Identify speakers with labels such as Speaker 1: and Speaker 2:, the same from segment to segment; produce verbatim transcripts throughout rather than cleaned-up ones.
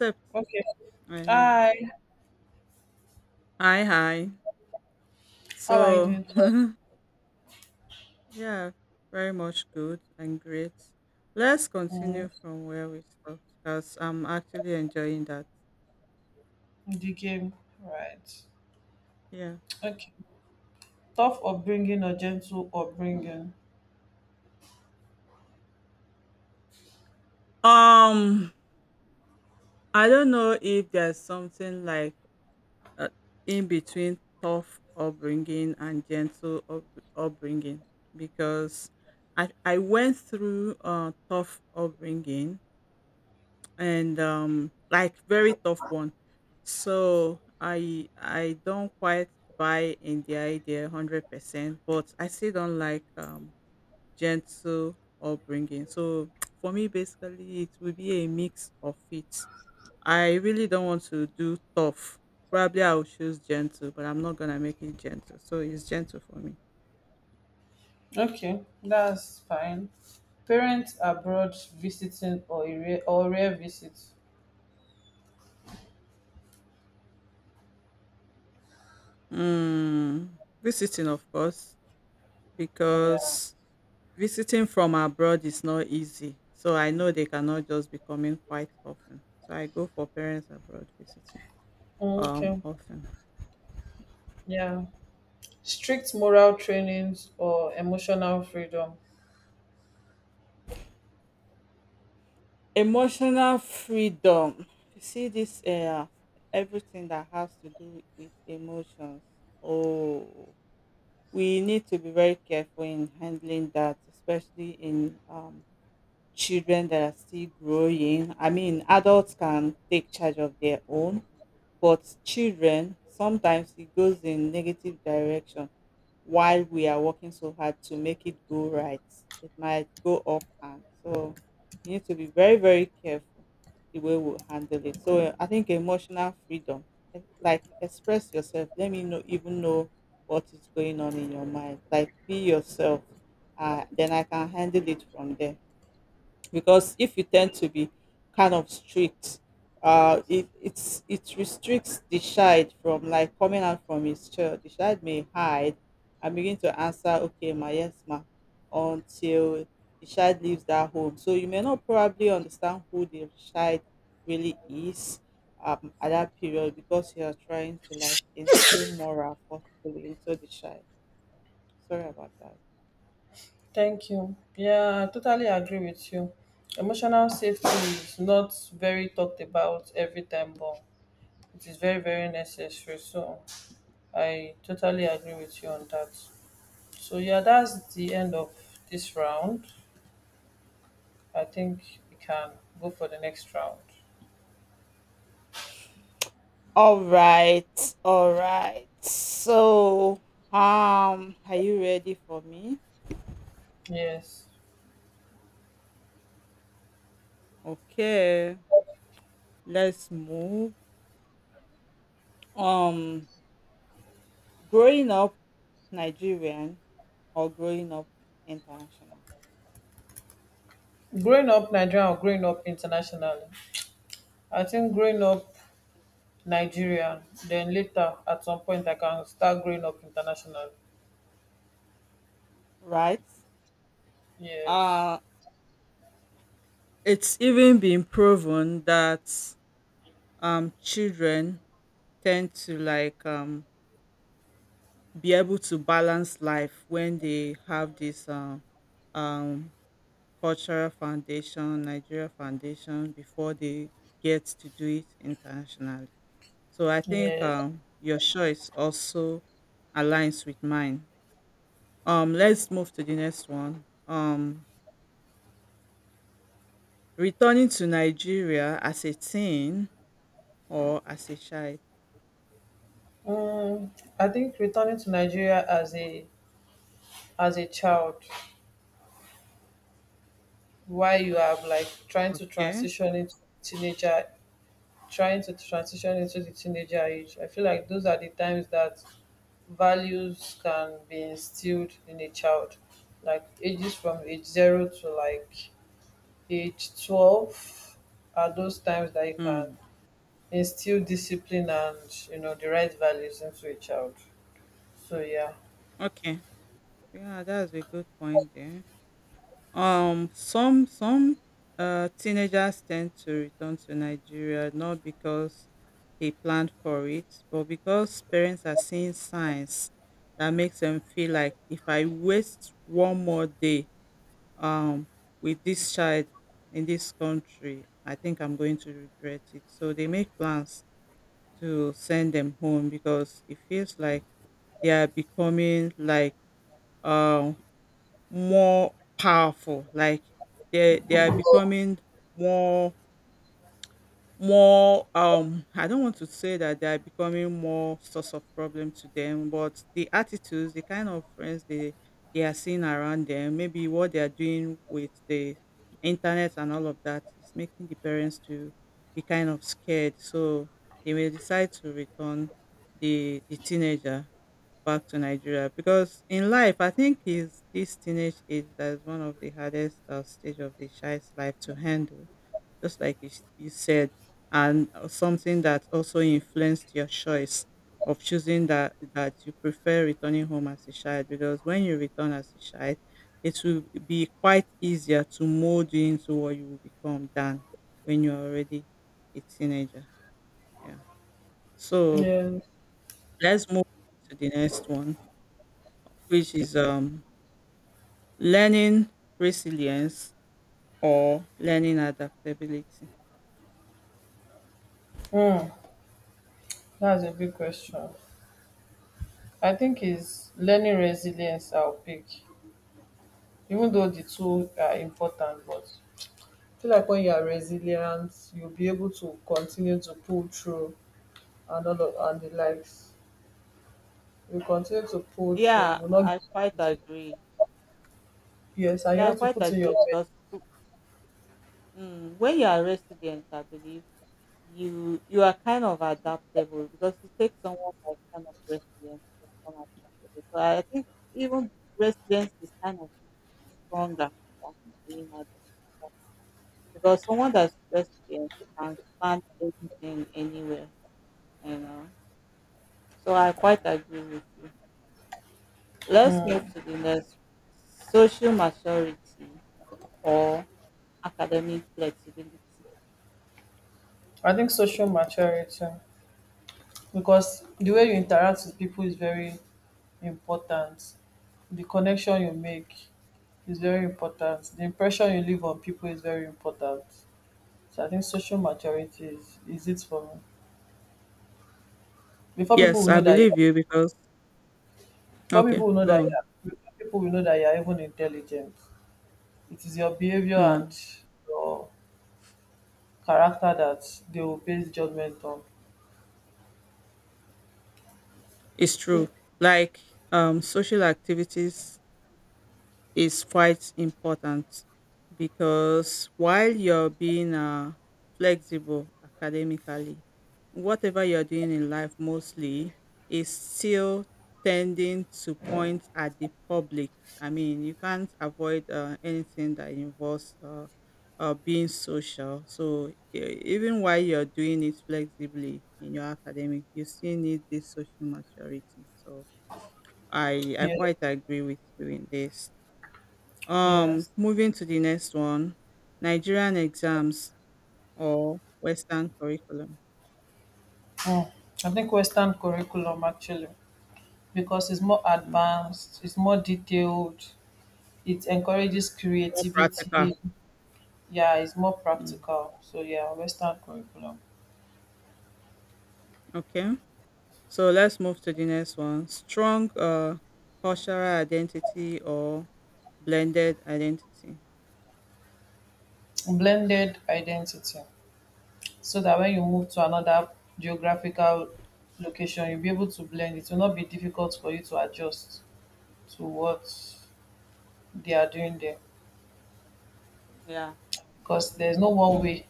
Speaker 1: Except,
Speaker 2: Okay.
Speaker 1: uh,
Speaker 2: Hi.
Speaker 1: hi, hi.
Speaker 2: How are you
Speaker 1: So,
Speaker 2: doing?
Speaker 1: yeah, very much good and great. Let's
Speaker 2: Mm,
Speaker 1: continue from where we stopped because I'm actually enjoying that.
Speaker 2: in the game. Right.
Speaker 1: Yeah.
Speaker 2: Okay. Tough upbringing or gentle upbringing.
Speaker 1: Um, I don't know if there's something like uh, in between tough upbringing and gentle up- upbringing because I I went through uh tough upbringing and um like very tough one, so i i don't quite buy in the idea one hundred percent, but I still don't like um gentle upbringing. So for me basically it will be a mix of it. I really don't want to do tough. Probably I'll choose gentle but I'm not gonna make it gentle so it's gentle for me.
Speaker 2: Okay. That's fine. Parents abroad visiting or a rare, or rare visit.
Speaker 1: mm, Visiting, of course,
Speaker 2: Yeah.
Speaker 1: because visiting from abroad is not easy, so I know they cannot just be coming quite often. So I go for parents abroad visiting um
Speaker 2: Okay.
Speaker 1: often.
Speaker 2: Yeah. Strict moral trainings or emotional freedom.
Speaker 1: Emotional freedom. You see this, uh, everything that has to do with emotions. Oh, we need to be very careful in handling that, especially in um children that are still growing. I mean, adults can take charge of their own, but children sometimes it goes in negative direction. While we are working so hard to make it go right, it might go off hand. So we need to be very, very careful the way we handle it. So I think emotional freedom, eh, like express yourself. Let me know, even know what is going on in your mind. Like be yourself. Uh, then I can handle it from there because if you tend to be kind of strict, uh it it's it restricts the child from like coming out from his chair. The child may hide and begin to answer, "Okay ma, yes ma," until the child leaves that home. So you may not probably understand who the child really is um at that period because you are trying to like instill moral forcefully into the child. Sorry about that.
Speaker 2: Thank you. Yeah, I totally agree with you. Emotional safety is not very talked about every time, but it is very very necessary. So I totally agree with you on that. So yeah, that's the end of this round. I think we can go for the next round.
Speaker 1: All right, all right. So, um, are you ready for me?
Speaker 2: Yes.
Speaker 1: Okay, let's move. Um, growing up Nigerian or growing up international,
Speaker 2: Growing up Nigerian or growing up internationally. I think growing up Nigerian, then later at some point I can start growing up internationally.
Speaker 1: right?
Speaker 2: Yes.
Speaker 1: Uh, it's even been proven that um children tend to like um be able to balance life when they have this um um cultural foundation, Nigeria foundation before they get to do it internationally. So I think,
Speaker 2: Yes.
Speaker 1: um, your choice also aligns with mine. Um, let's move to the next one. Um, returning to Nigeria as a teen or as a child.
Speaker 2: Um i think returning to Nigeria as a as a child, why you are like trying to
Speaker 1: Okay.
Speaker 2: transition into teenager, trying to transition into the teenager age. I feel like those are the times that values can be instilled in a child, like ages from age zero to like age twelve are those times that you can
Speaker 1: Hmm.
Speaker 2: instill discipline and, you know, the right values into a child. So yeah.
Speaker 1: Okay. Yeah, that's a good point there. Um, some some uh, teenagers tend to return to Nigeria not because they planned for it, but because parents are seeing signs that makes them feel like if I waste one more day um, with this child in this country, I think I'm going to regret it. So they make plans to send them home because it feels like they are becoming like, uh more powerful. Like they they are becoming more more um I don't want to say that they are becoming more source of problem to them, but the attitudes, the kind of friends they they are seeing around them, maybe what they are doing with the internet and all of that is making the parents to be kind of scared. So they may decide to return the the teenager back to Nigeria because in life, I think is this teenage age that is one of the hardest, uh, stage of the child's life to handle, just like you, s- you said, and uh, something that also influenced your choice of choosing that that you prefer returning home as a child because when you return as a child, it will be quite easier to mold you into what you will become than when you're already a teenager. Yeah. So
Speaker 2: Yeah.
Speaker 1: let's move on to the next one, which is um learning resilience or learning adaptability.
Speaker 2: Hmm. That's a big question. I think is learning resilience I'll pick. Even though the two are important, but I feel like when you are resilient, you'll be able to continue to pull through and all of and the likes. You continue to pull through, you
Speaker 1: Yeah,
Speaker 2: will not give
Speaker 1: I
Speaker 2: up
Speaker 1: quite
Speaker 2: easily.
Speaker 1: agree.
Speaker 2: Yes, and you
Speaker 1: Yeah, I
Speaker 2: have to
Speaker 1: quite
Speaker 2: put in your
Speaker 1: agree because, mm, when you are resilient, I believe you you are kind of adaptable because it takes someone like kind of resilient to become adaptable. So I think even resilience is kind of stronger than being adaptable because someone that's resilient can stand anything anywhere, you know. So I quite agree with you. Let's move to the next: social maturity or academic flexibility.
Speaker 2: I think social maturity because the way you interact with people is very important. The connection you make is very important. The impression you leave on people is very important. So I think social maturity is, is it for me. Before people
Speaker 1: Yes,
Speaker 2: will
Speaker 1: I
Speaker 2: know that you
Speaker 1: believe you because,
Speaker 2: Before
Speaker 1: okay,
Speaker 2: people will know
Speaker 1: go
Speaker 2: that
Speaker 1: on.
Speaker 2: you are, people will know that you are even intelligent. It is your behavior
Speaker 1: Mm,
Speaker 2: and your character that they will base judgment on.
Speaker 1: it's true. Like um social activities is quite important because while you're being, uh, flexible academically, whatever you're doing in life mostly is still tending to point at the public. I mean, you can't avoid, uh, anything that involves, uh, uh, being social. So, e- even while you're doing it flexibly in your academic, you still need this social maturity. So, I, I
Speaker 2: Yeah.
Speaker 1: quite agree with you in this. Um,
Speaker 2: Yes.
Speaker 1: moving to the next one, Nigerian exams or Western curriculum.
Speaker 2: Mm. I think Western curriculum actually, because it's more
Speaker 1: Mm,
Speaker 2: advanced, it's more detailed, it encourages
Speaker 1: more practical.
Speaker 2: creativity. Yeah, it's more
Speaker 1: Mm,
Speaker 2: practical. So yeah, Western curriculum.
Speaker 1: okay, so let's move to the next one: strong, uh, cultural identity or blended identity.
Speaker 2: Blended identity, so that when you move to another geographical location you'll be able to blend. It will not be difficult for you to adjust to what they are doing there
Speaker 1: Yeah, I
Speaker 2: because
Speaker 1: agree
Speaker 2: there's
Speaker 1: with
Speaker 2: no
Speaker 1: you
Speaker 2: one
Speaker 1: in this.
Speaker 2: way,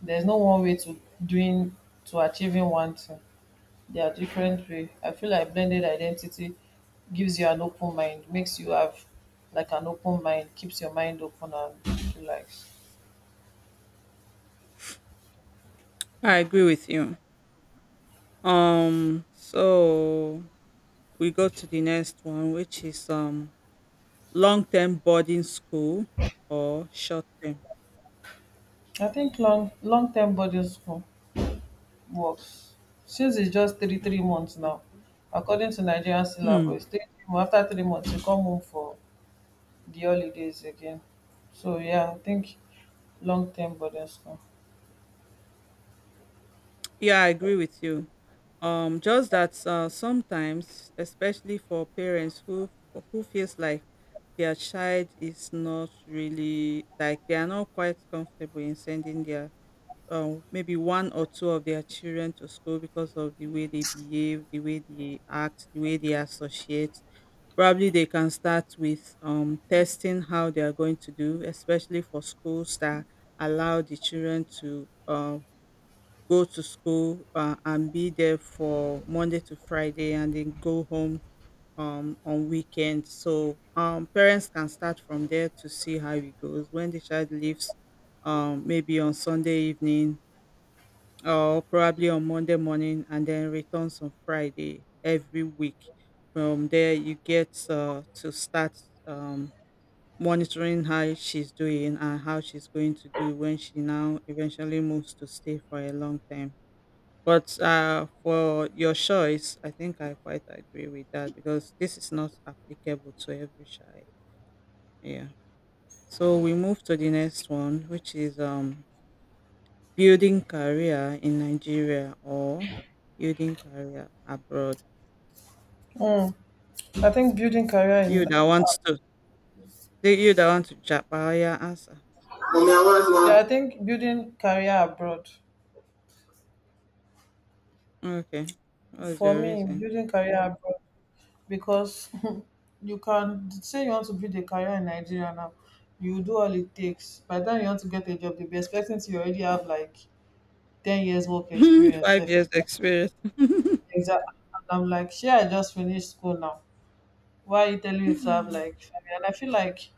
Speaker 2: there's no one way to doing to achieving one thing. There are different way. I feel like blended identity gives you an open mind, makes you have like an open mind, keeps your mind open and relaxed.
Speaker 1: I agree with you. Um, so we go to the next one, which is um long term boarding school or short term.
Speaker 2: I think long long term body school work, since it's just three three months now according to Nigerian syllabus. It's three three months. After three months you come home for the holidays again. So yeah, I think long-term burdens come.
Speaker 1: Yeah, I agree with you. Um, just that, uh, sometimes, especially for parents who who feels like their child is not really like, they are not quite comfortable in sending their um maybe one or two of their children to school because of the way they behave, the way they act, the way they associate. Probably they can start with um testing how they are going to do, especially for schools that allow the children to um go to school, uh, and be there for Monday to Friday and then go home um, on weekends. So, um, parents can start from there to see how it goes. When the child leaves, um, maybe on Sunday evening or probably on Monday morning and then returns on Friday every week. From there, you get, uh, to start um, monitoring how she's doing and how she's going to do when she now eventually moves to stay for a long time. But, uh, for your choice, I think I quite agree with that because this is not applicable to every child. Yeah. So we move to the next one, which is, um, building career in Nigeria or building career abroad.
Speaker 2: mm. I think building career in
Speaker 1: You that want to, the- you that want to Japan, your answer.
Speaker 2: yeah, I think building career abroad.
Speaker 1: Okay. What is
Speaker 2: For
Speaker 1: your
Speaker 2: me,
Speaker 1: reason?
Speaker 2: building career abroad because you can say you want to build a career in Nigeria now. You do all it takes. By the time you want to get a job, they'll be expecting to you already have like ten years work experience
Speaker 1: Five
Speaker 2: sef.
Speaker 1: years experience.
Speaker 2: Exactly, and I'm like shey I just finished school now, why are you telling me to have like family? And I feel like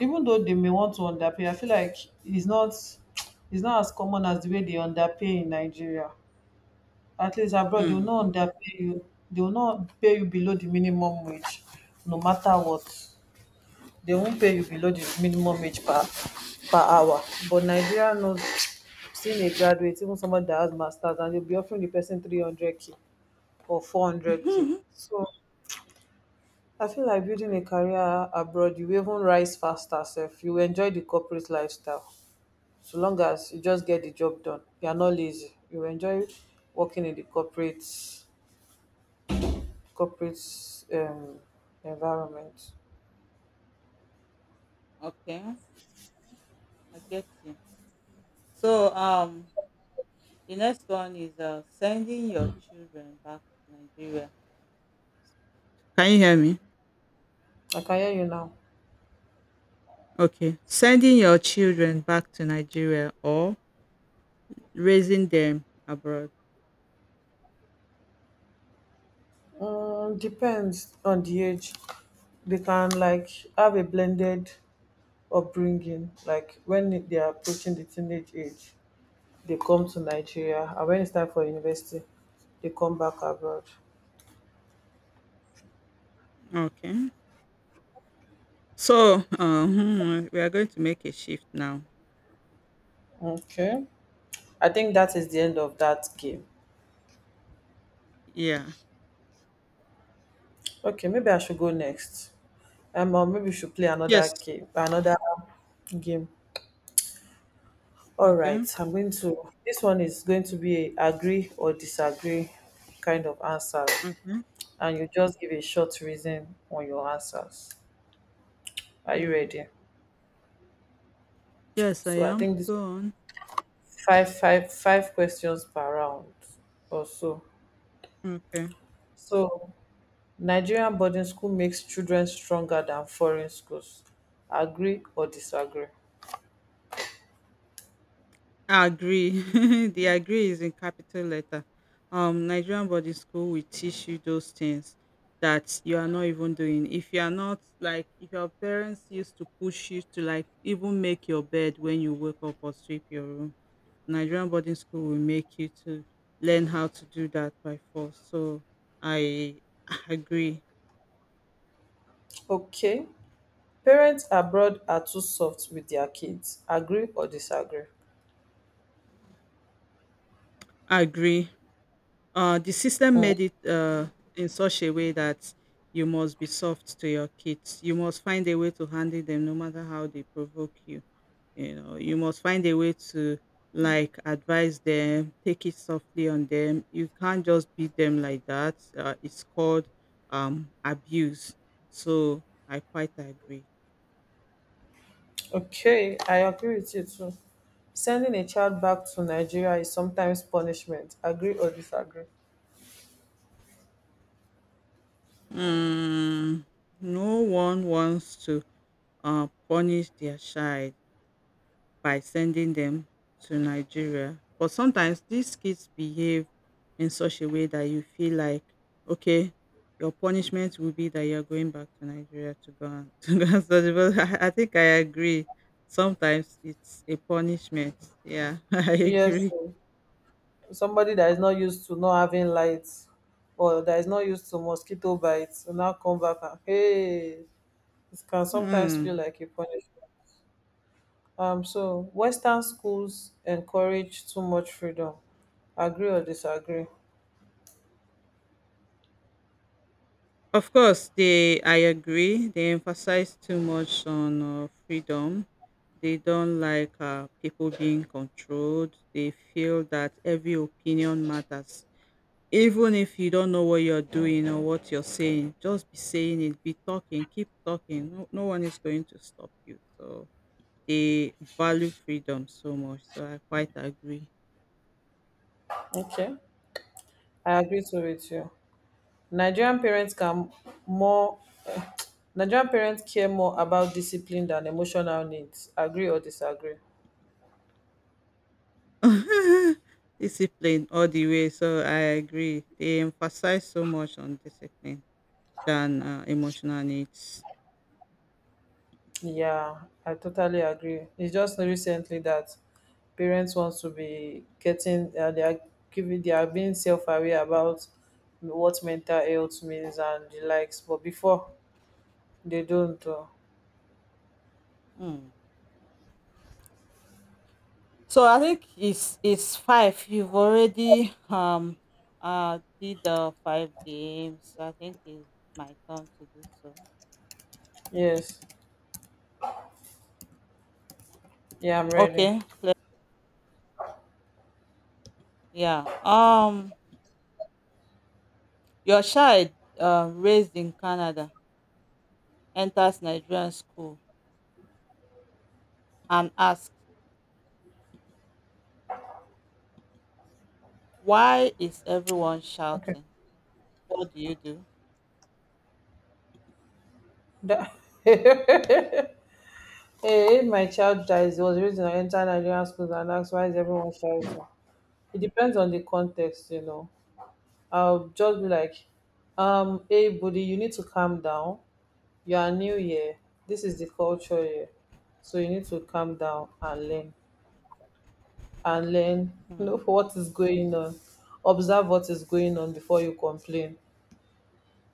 Speaker 2: even though they may want to underpay, I feel like it's not it's not as common as the way they underpay in Nigeria. At least abroad they will
Speaker 1: Hmm.
Speaker 2: not underpay you. They will not pay you below the minimum wage no matter what. They won't pay you below the minimum wage per per hour. But Nigeria knows, seeing a graduate, even someone that has masters, and you'll be offering the person three hundred k or four hundred k
Speaker 1: Okay,
Speaker 2: So I feel like building a career abroad, you will even rise faster Self, you will enjoy the corporate lifestyle, so long as you just get the job done, you are not lazy, you will enjoy working in the corporate corporate um environment.
Speaker 1: I get you. So, um, the next one is, uh, sending your children back to Nigeria. Can you hear me?
Speaker 2: I can hear you now.
Speaker 1: Okay. Sending your children back to Nigeria or raising them abroad.
Speaker 2: Um, depends on the age. They can like have a blended upbringing. Like when they are approaching the teenage age, they come to Nigeria, and when it's time for university, they come back abroad.
Speaker 1: Okay. So, uh, hmm, we are going to make a shift now.
Speaker 2: Okay, I think that is the end of that game.
Speaker 1: Yeah.
Speaker 2: Okay, maybe I should go next. Um, or maybe we should play
Speaker 1: Yes.
Speaker 2: another game. Another game. All right,
Speaker 1: Okay.
Speaker 2: I'm going to. This one is going to be a agree or disagree kind of answer.
Speaker 1: Okay.
Speaker 2: And you just give a short reason on your answers. Are you
Speaker 1: Hmm.
Speaker 2: ready?
Speaker 1: Yes, I
Speaker 2: So I
Speaker 1: am.
Speaker 2: think this
Speaker 1: Go on.
Speaker 2: five five five questions per round or so.
Speaker 1: Okay.
Speaker 2: So Nigerian boarding school makes children stronger than foreign schools. Agree or disagree?
Speaker 1: Agree. The agree is in capital letter. Um, Nigerian boarding school will teach you those things that you are not even doing. If you are not like, if your parents used to push you to like even make your bed when you wake up or sweep your room, Nigerian boarding school will make you to learn how to do that by force. So I agree.
Speaker 2: Okay. Parents abroad are too soft with their kids. Agree or disagree?
Speaker 1: Agree. Uh, the system
Speaker 2: Mm.
Speaker 1: made it, uh, in such a way that you must be soft to your kids. You must find a way to handle them no matter how they provoke you. You know, you must find a way to like advise them, take it softly on them. You can't just beat them like that. Uh, it's called, um, abuse. So I quite agree.
Speaker 2: Okay, I agree with you too. Sending a child back to Nigeria is sometimes punishment. Agree or disagree?
Speaker 1: Mm, no one wants to, uh, punish their child by sending them to Nigeria. But sometimes these kids behave in such a way that you feel like, okay, your punishment will be that you're going back to Nigeria to go and to go and study. But I, I think I agree. Sometimes it's a punishment. Yeah, I
Speaker 2: Yes,
Speaker 1: agree.
Speaker 2: sir. Somebody that is not used to not having lights, or that is not used to mosquito bites will now come back, and hey, it can sometimes feel
Speaker 1: Hmm.
Speaker 2: like a punishment. Um so Western schools encourage too much freedom. Agree or disagree?
Speaker 1: Of course, they I agree. They emphasize too much on, uh, freedom. They don't like, uh, people being controlled. They feel that every opinion matters. Even if you don't know what you're doing or what you're saying, just be saying it, be talking, keep talking. No, no one is going to stop you. So they value freedom so much. So I quite agree.
Speaker 2: Okay. I agree to with you. Nigerian parents can more Nigerian parents care more about discipline than emotional needs. Agree or disagree?
Speaker 1: Discipline all the way. So I agree. They emphasize so much on discipline than, uh, emotional needs.
Speaker 2: Yeah, I totally agree. It's just recently that parents want to be getting uh, they are giving they are being self aware about what mental health means and the likes. But before they don't. Uh,
Speaker 1: Mm. So I think it's it's five. You've already um uh did the five games. I think it's my turn to do so.
Speaker 2: yes, yeah, I'm ready.
Speaker 1: Okay. Yeah. Um your child, uh, raised in Canada, enters Nigerian school and asks, "Why is everyone
Speaker 2: Okay.
Speaker 1: shouting?" What do you do?
Speaker 2: That- hey, if my child dies, it was the reason I entered Nigerian schools and asked why is everyone shouting. It depends on the context, you know. I'll just be like, um, hey buddy, you need to calm down. You are new here. This is the culture here. So you need to calm down and learn, and learn
Speaker 1: Hmm.
Speaker 2: know what is going on. Observe what is going on before you complain.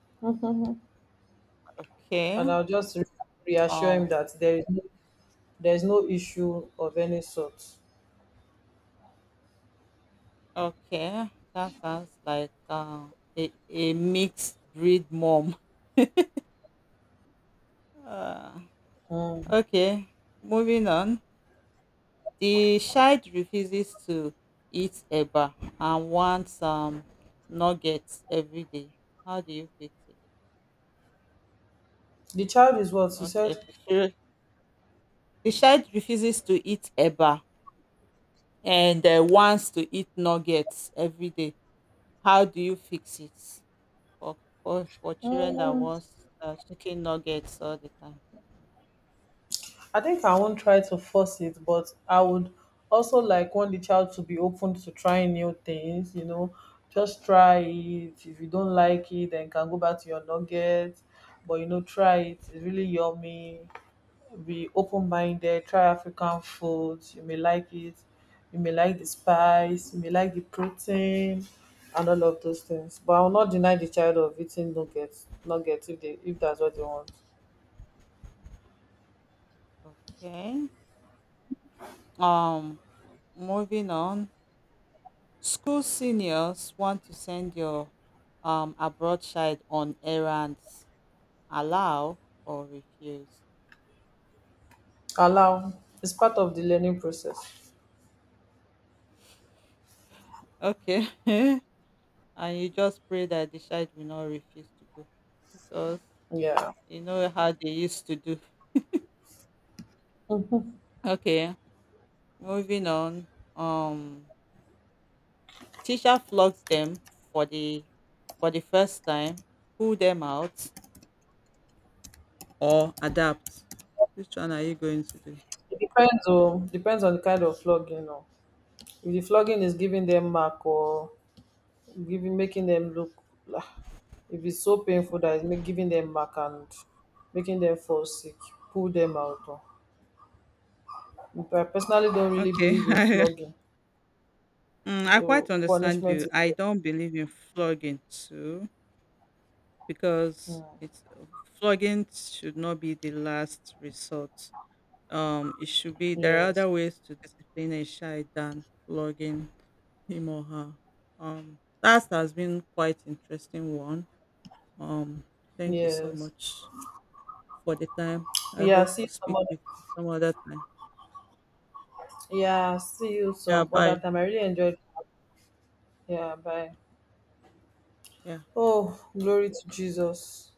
Speaker 2: And
Speaker 1: Okay.
Speaker 2: I'll just re- reassure him
Speaker 1: Um
Speaker 2: that there is no, there is no issue of any sort.
Speaker 1: Okay, that sounds like, uh, a, a mixed breed mom. Uh,
Speaker 2: Mm.
Speaker 1: okay, moving on. The child refuses to eat eba and wants, um, nuggets every day. How do you fix it?
Speaker 2: The child is what you
Speaker 1: Okay,
Speaker 2: said.
Speaker 1: for children. The child refuses to eat eba and, uh, wants to eat nuggets every day. How do you fix it for for, for children that
Speaker 2: Mm.
Speaker 1: wants, uh, chicken nuggets all the time?
Speaker 2: I think I won't try to force it, but I would also like want the child to be open to trying new things, you know, just try it. If you don't like it, then you can go back to your nuggets. But you know, try it. It's really yummy. Be open minded, try African food. You may like it. You may like the spice, you may like the protein and all of those things. But I will not deny the child of eating nuggets nuggets if they if that's what they want.
Speaker 1: Okay. Um, moving on, school seniors want to send your um abroad child on errands. Allow or refuse?
Speaker 2: Allow, it's part of the learning process.
Speaker 1: Okay, and you just pray that the child will not refuse to go because
Speaker 2: Yeah.
Speaker 1: you know how they used to do. Okay, moving on. Um, teacher flogs them for the for the first time, pull them out or adapt. Which one are you going to do?
Speaker 2: It depends on depends on the kind of flogging. Or if the flogging is giving them mark or giving making them look, ah, if it's so painful that it's make, giving them mark and making them fall sick, pull them out. Oh, I personally don't really
Speaker 1: Okay,
Speaker 2: believe in flogging.
Speaker 1: mm, I quite
Speaker 2: So
Speaker 1: understand
Speaker 2: punishment
Speaker 1: you.
Speaker 2: is
Speaker 1: I don't believe in flogging too
Speaker 2: Hmm.
Speaker 1: because it's flogging should not be the last resort. Um, it should be, there are
Speaker 2: Yes,
Speaker 1: other ways to discipline a child than flogging him or her. Um, that has been quite interesting one. Um, thank you so
Speaker 2: yes.
Speaker 1: much for the time. I
Speaker 2: Yeah.
Speaker 1: hope
Speaker 2: See
Speaker 1: to
Speaker 2: you some
Speaker 1: speak
Speaker 2: other.
Speaker 1: with you some other time.
Speaker 2: Yeah. See you
Speaker 1: Yeah,
Speaker 2: some other
Speaker 1: bye.
Speaker 2: time. I really enjoyed. Yeah. Bye.
Speaker 1: Yeah.
Speaker 2: Oh, glory to Jesus.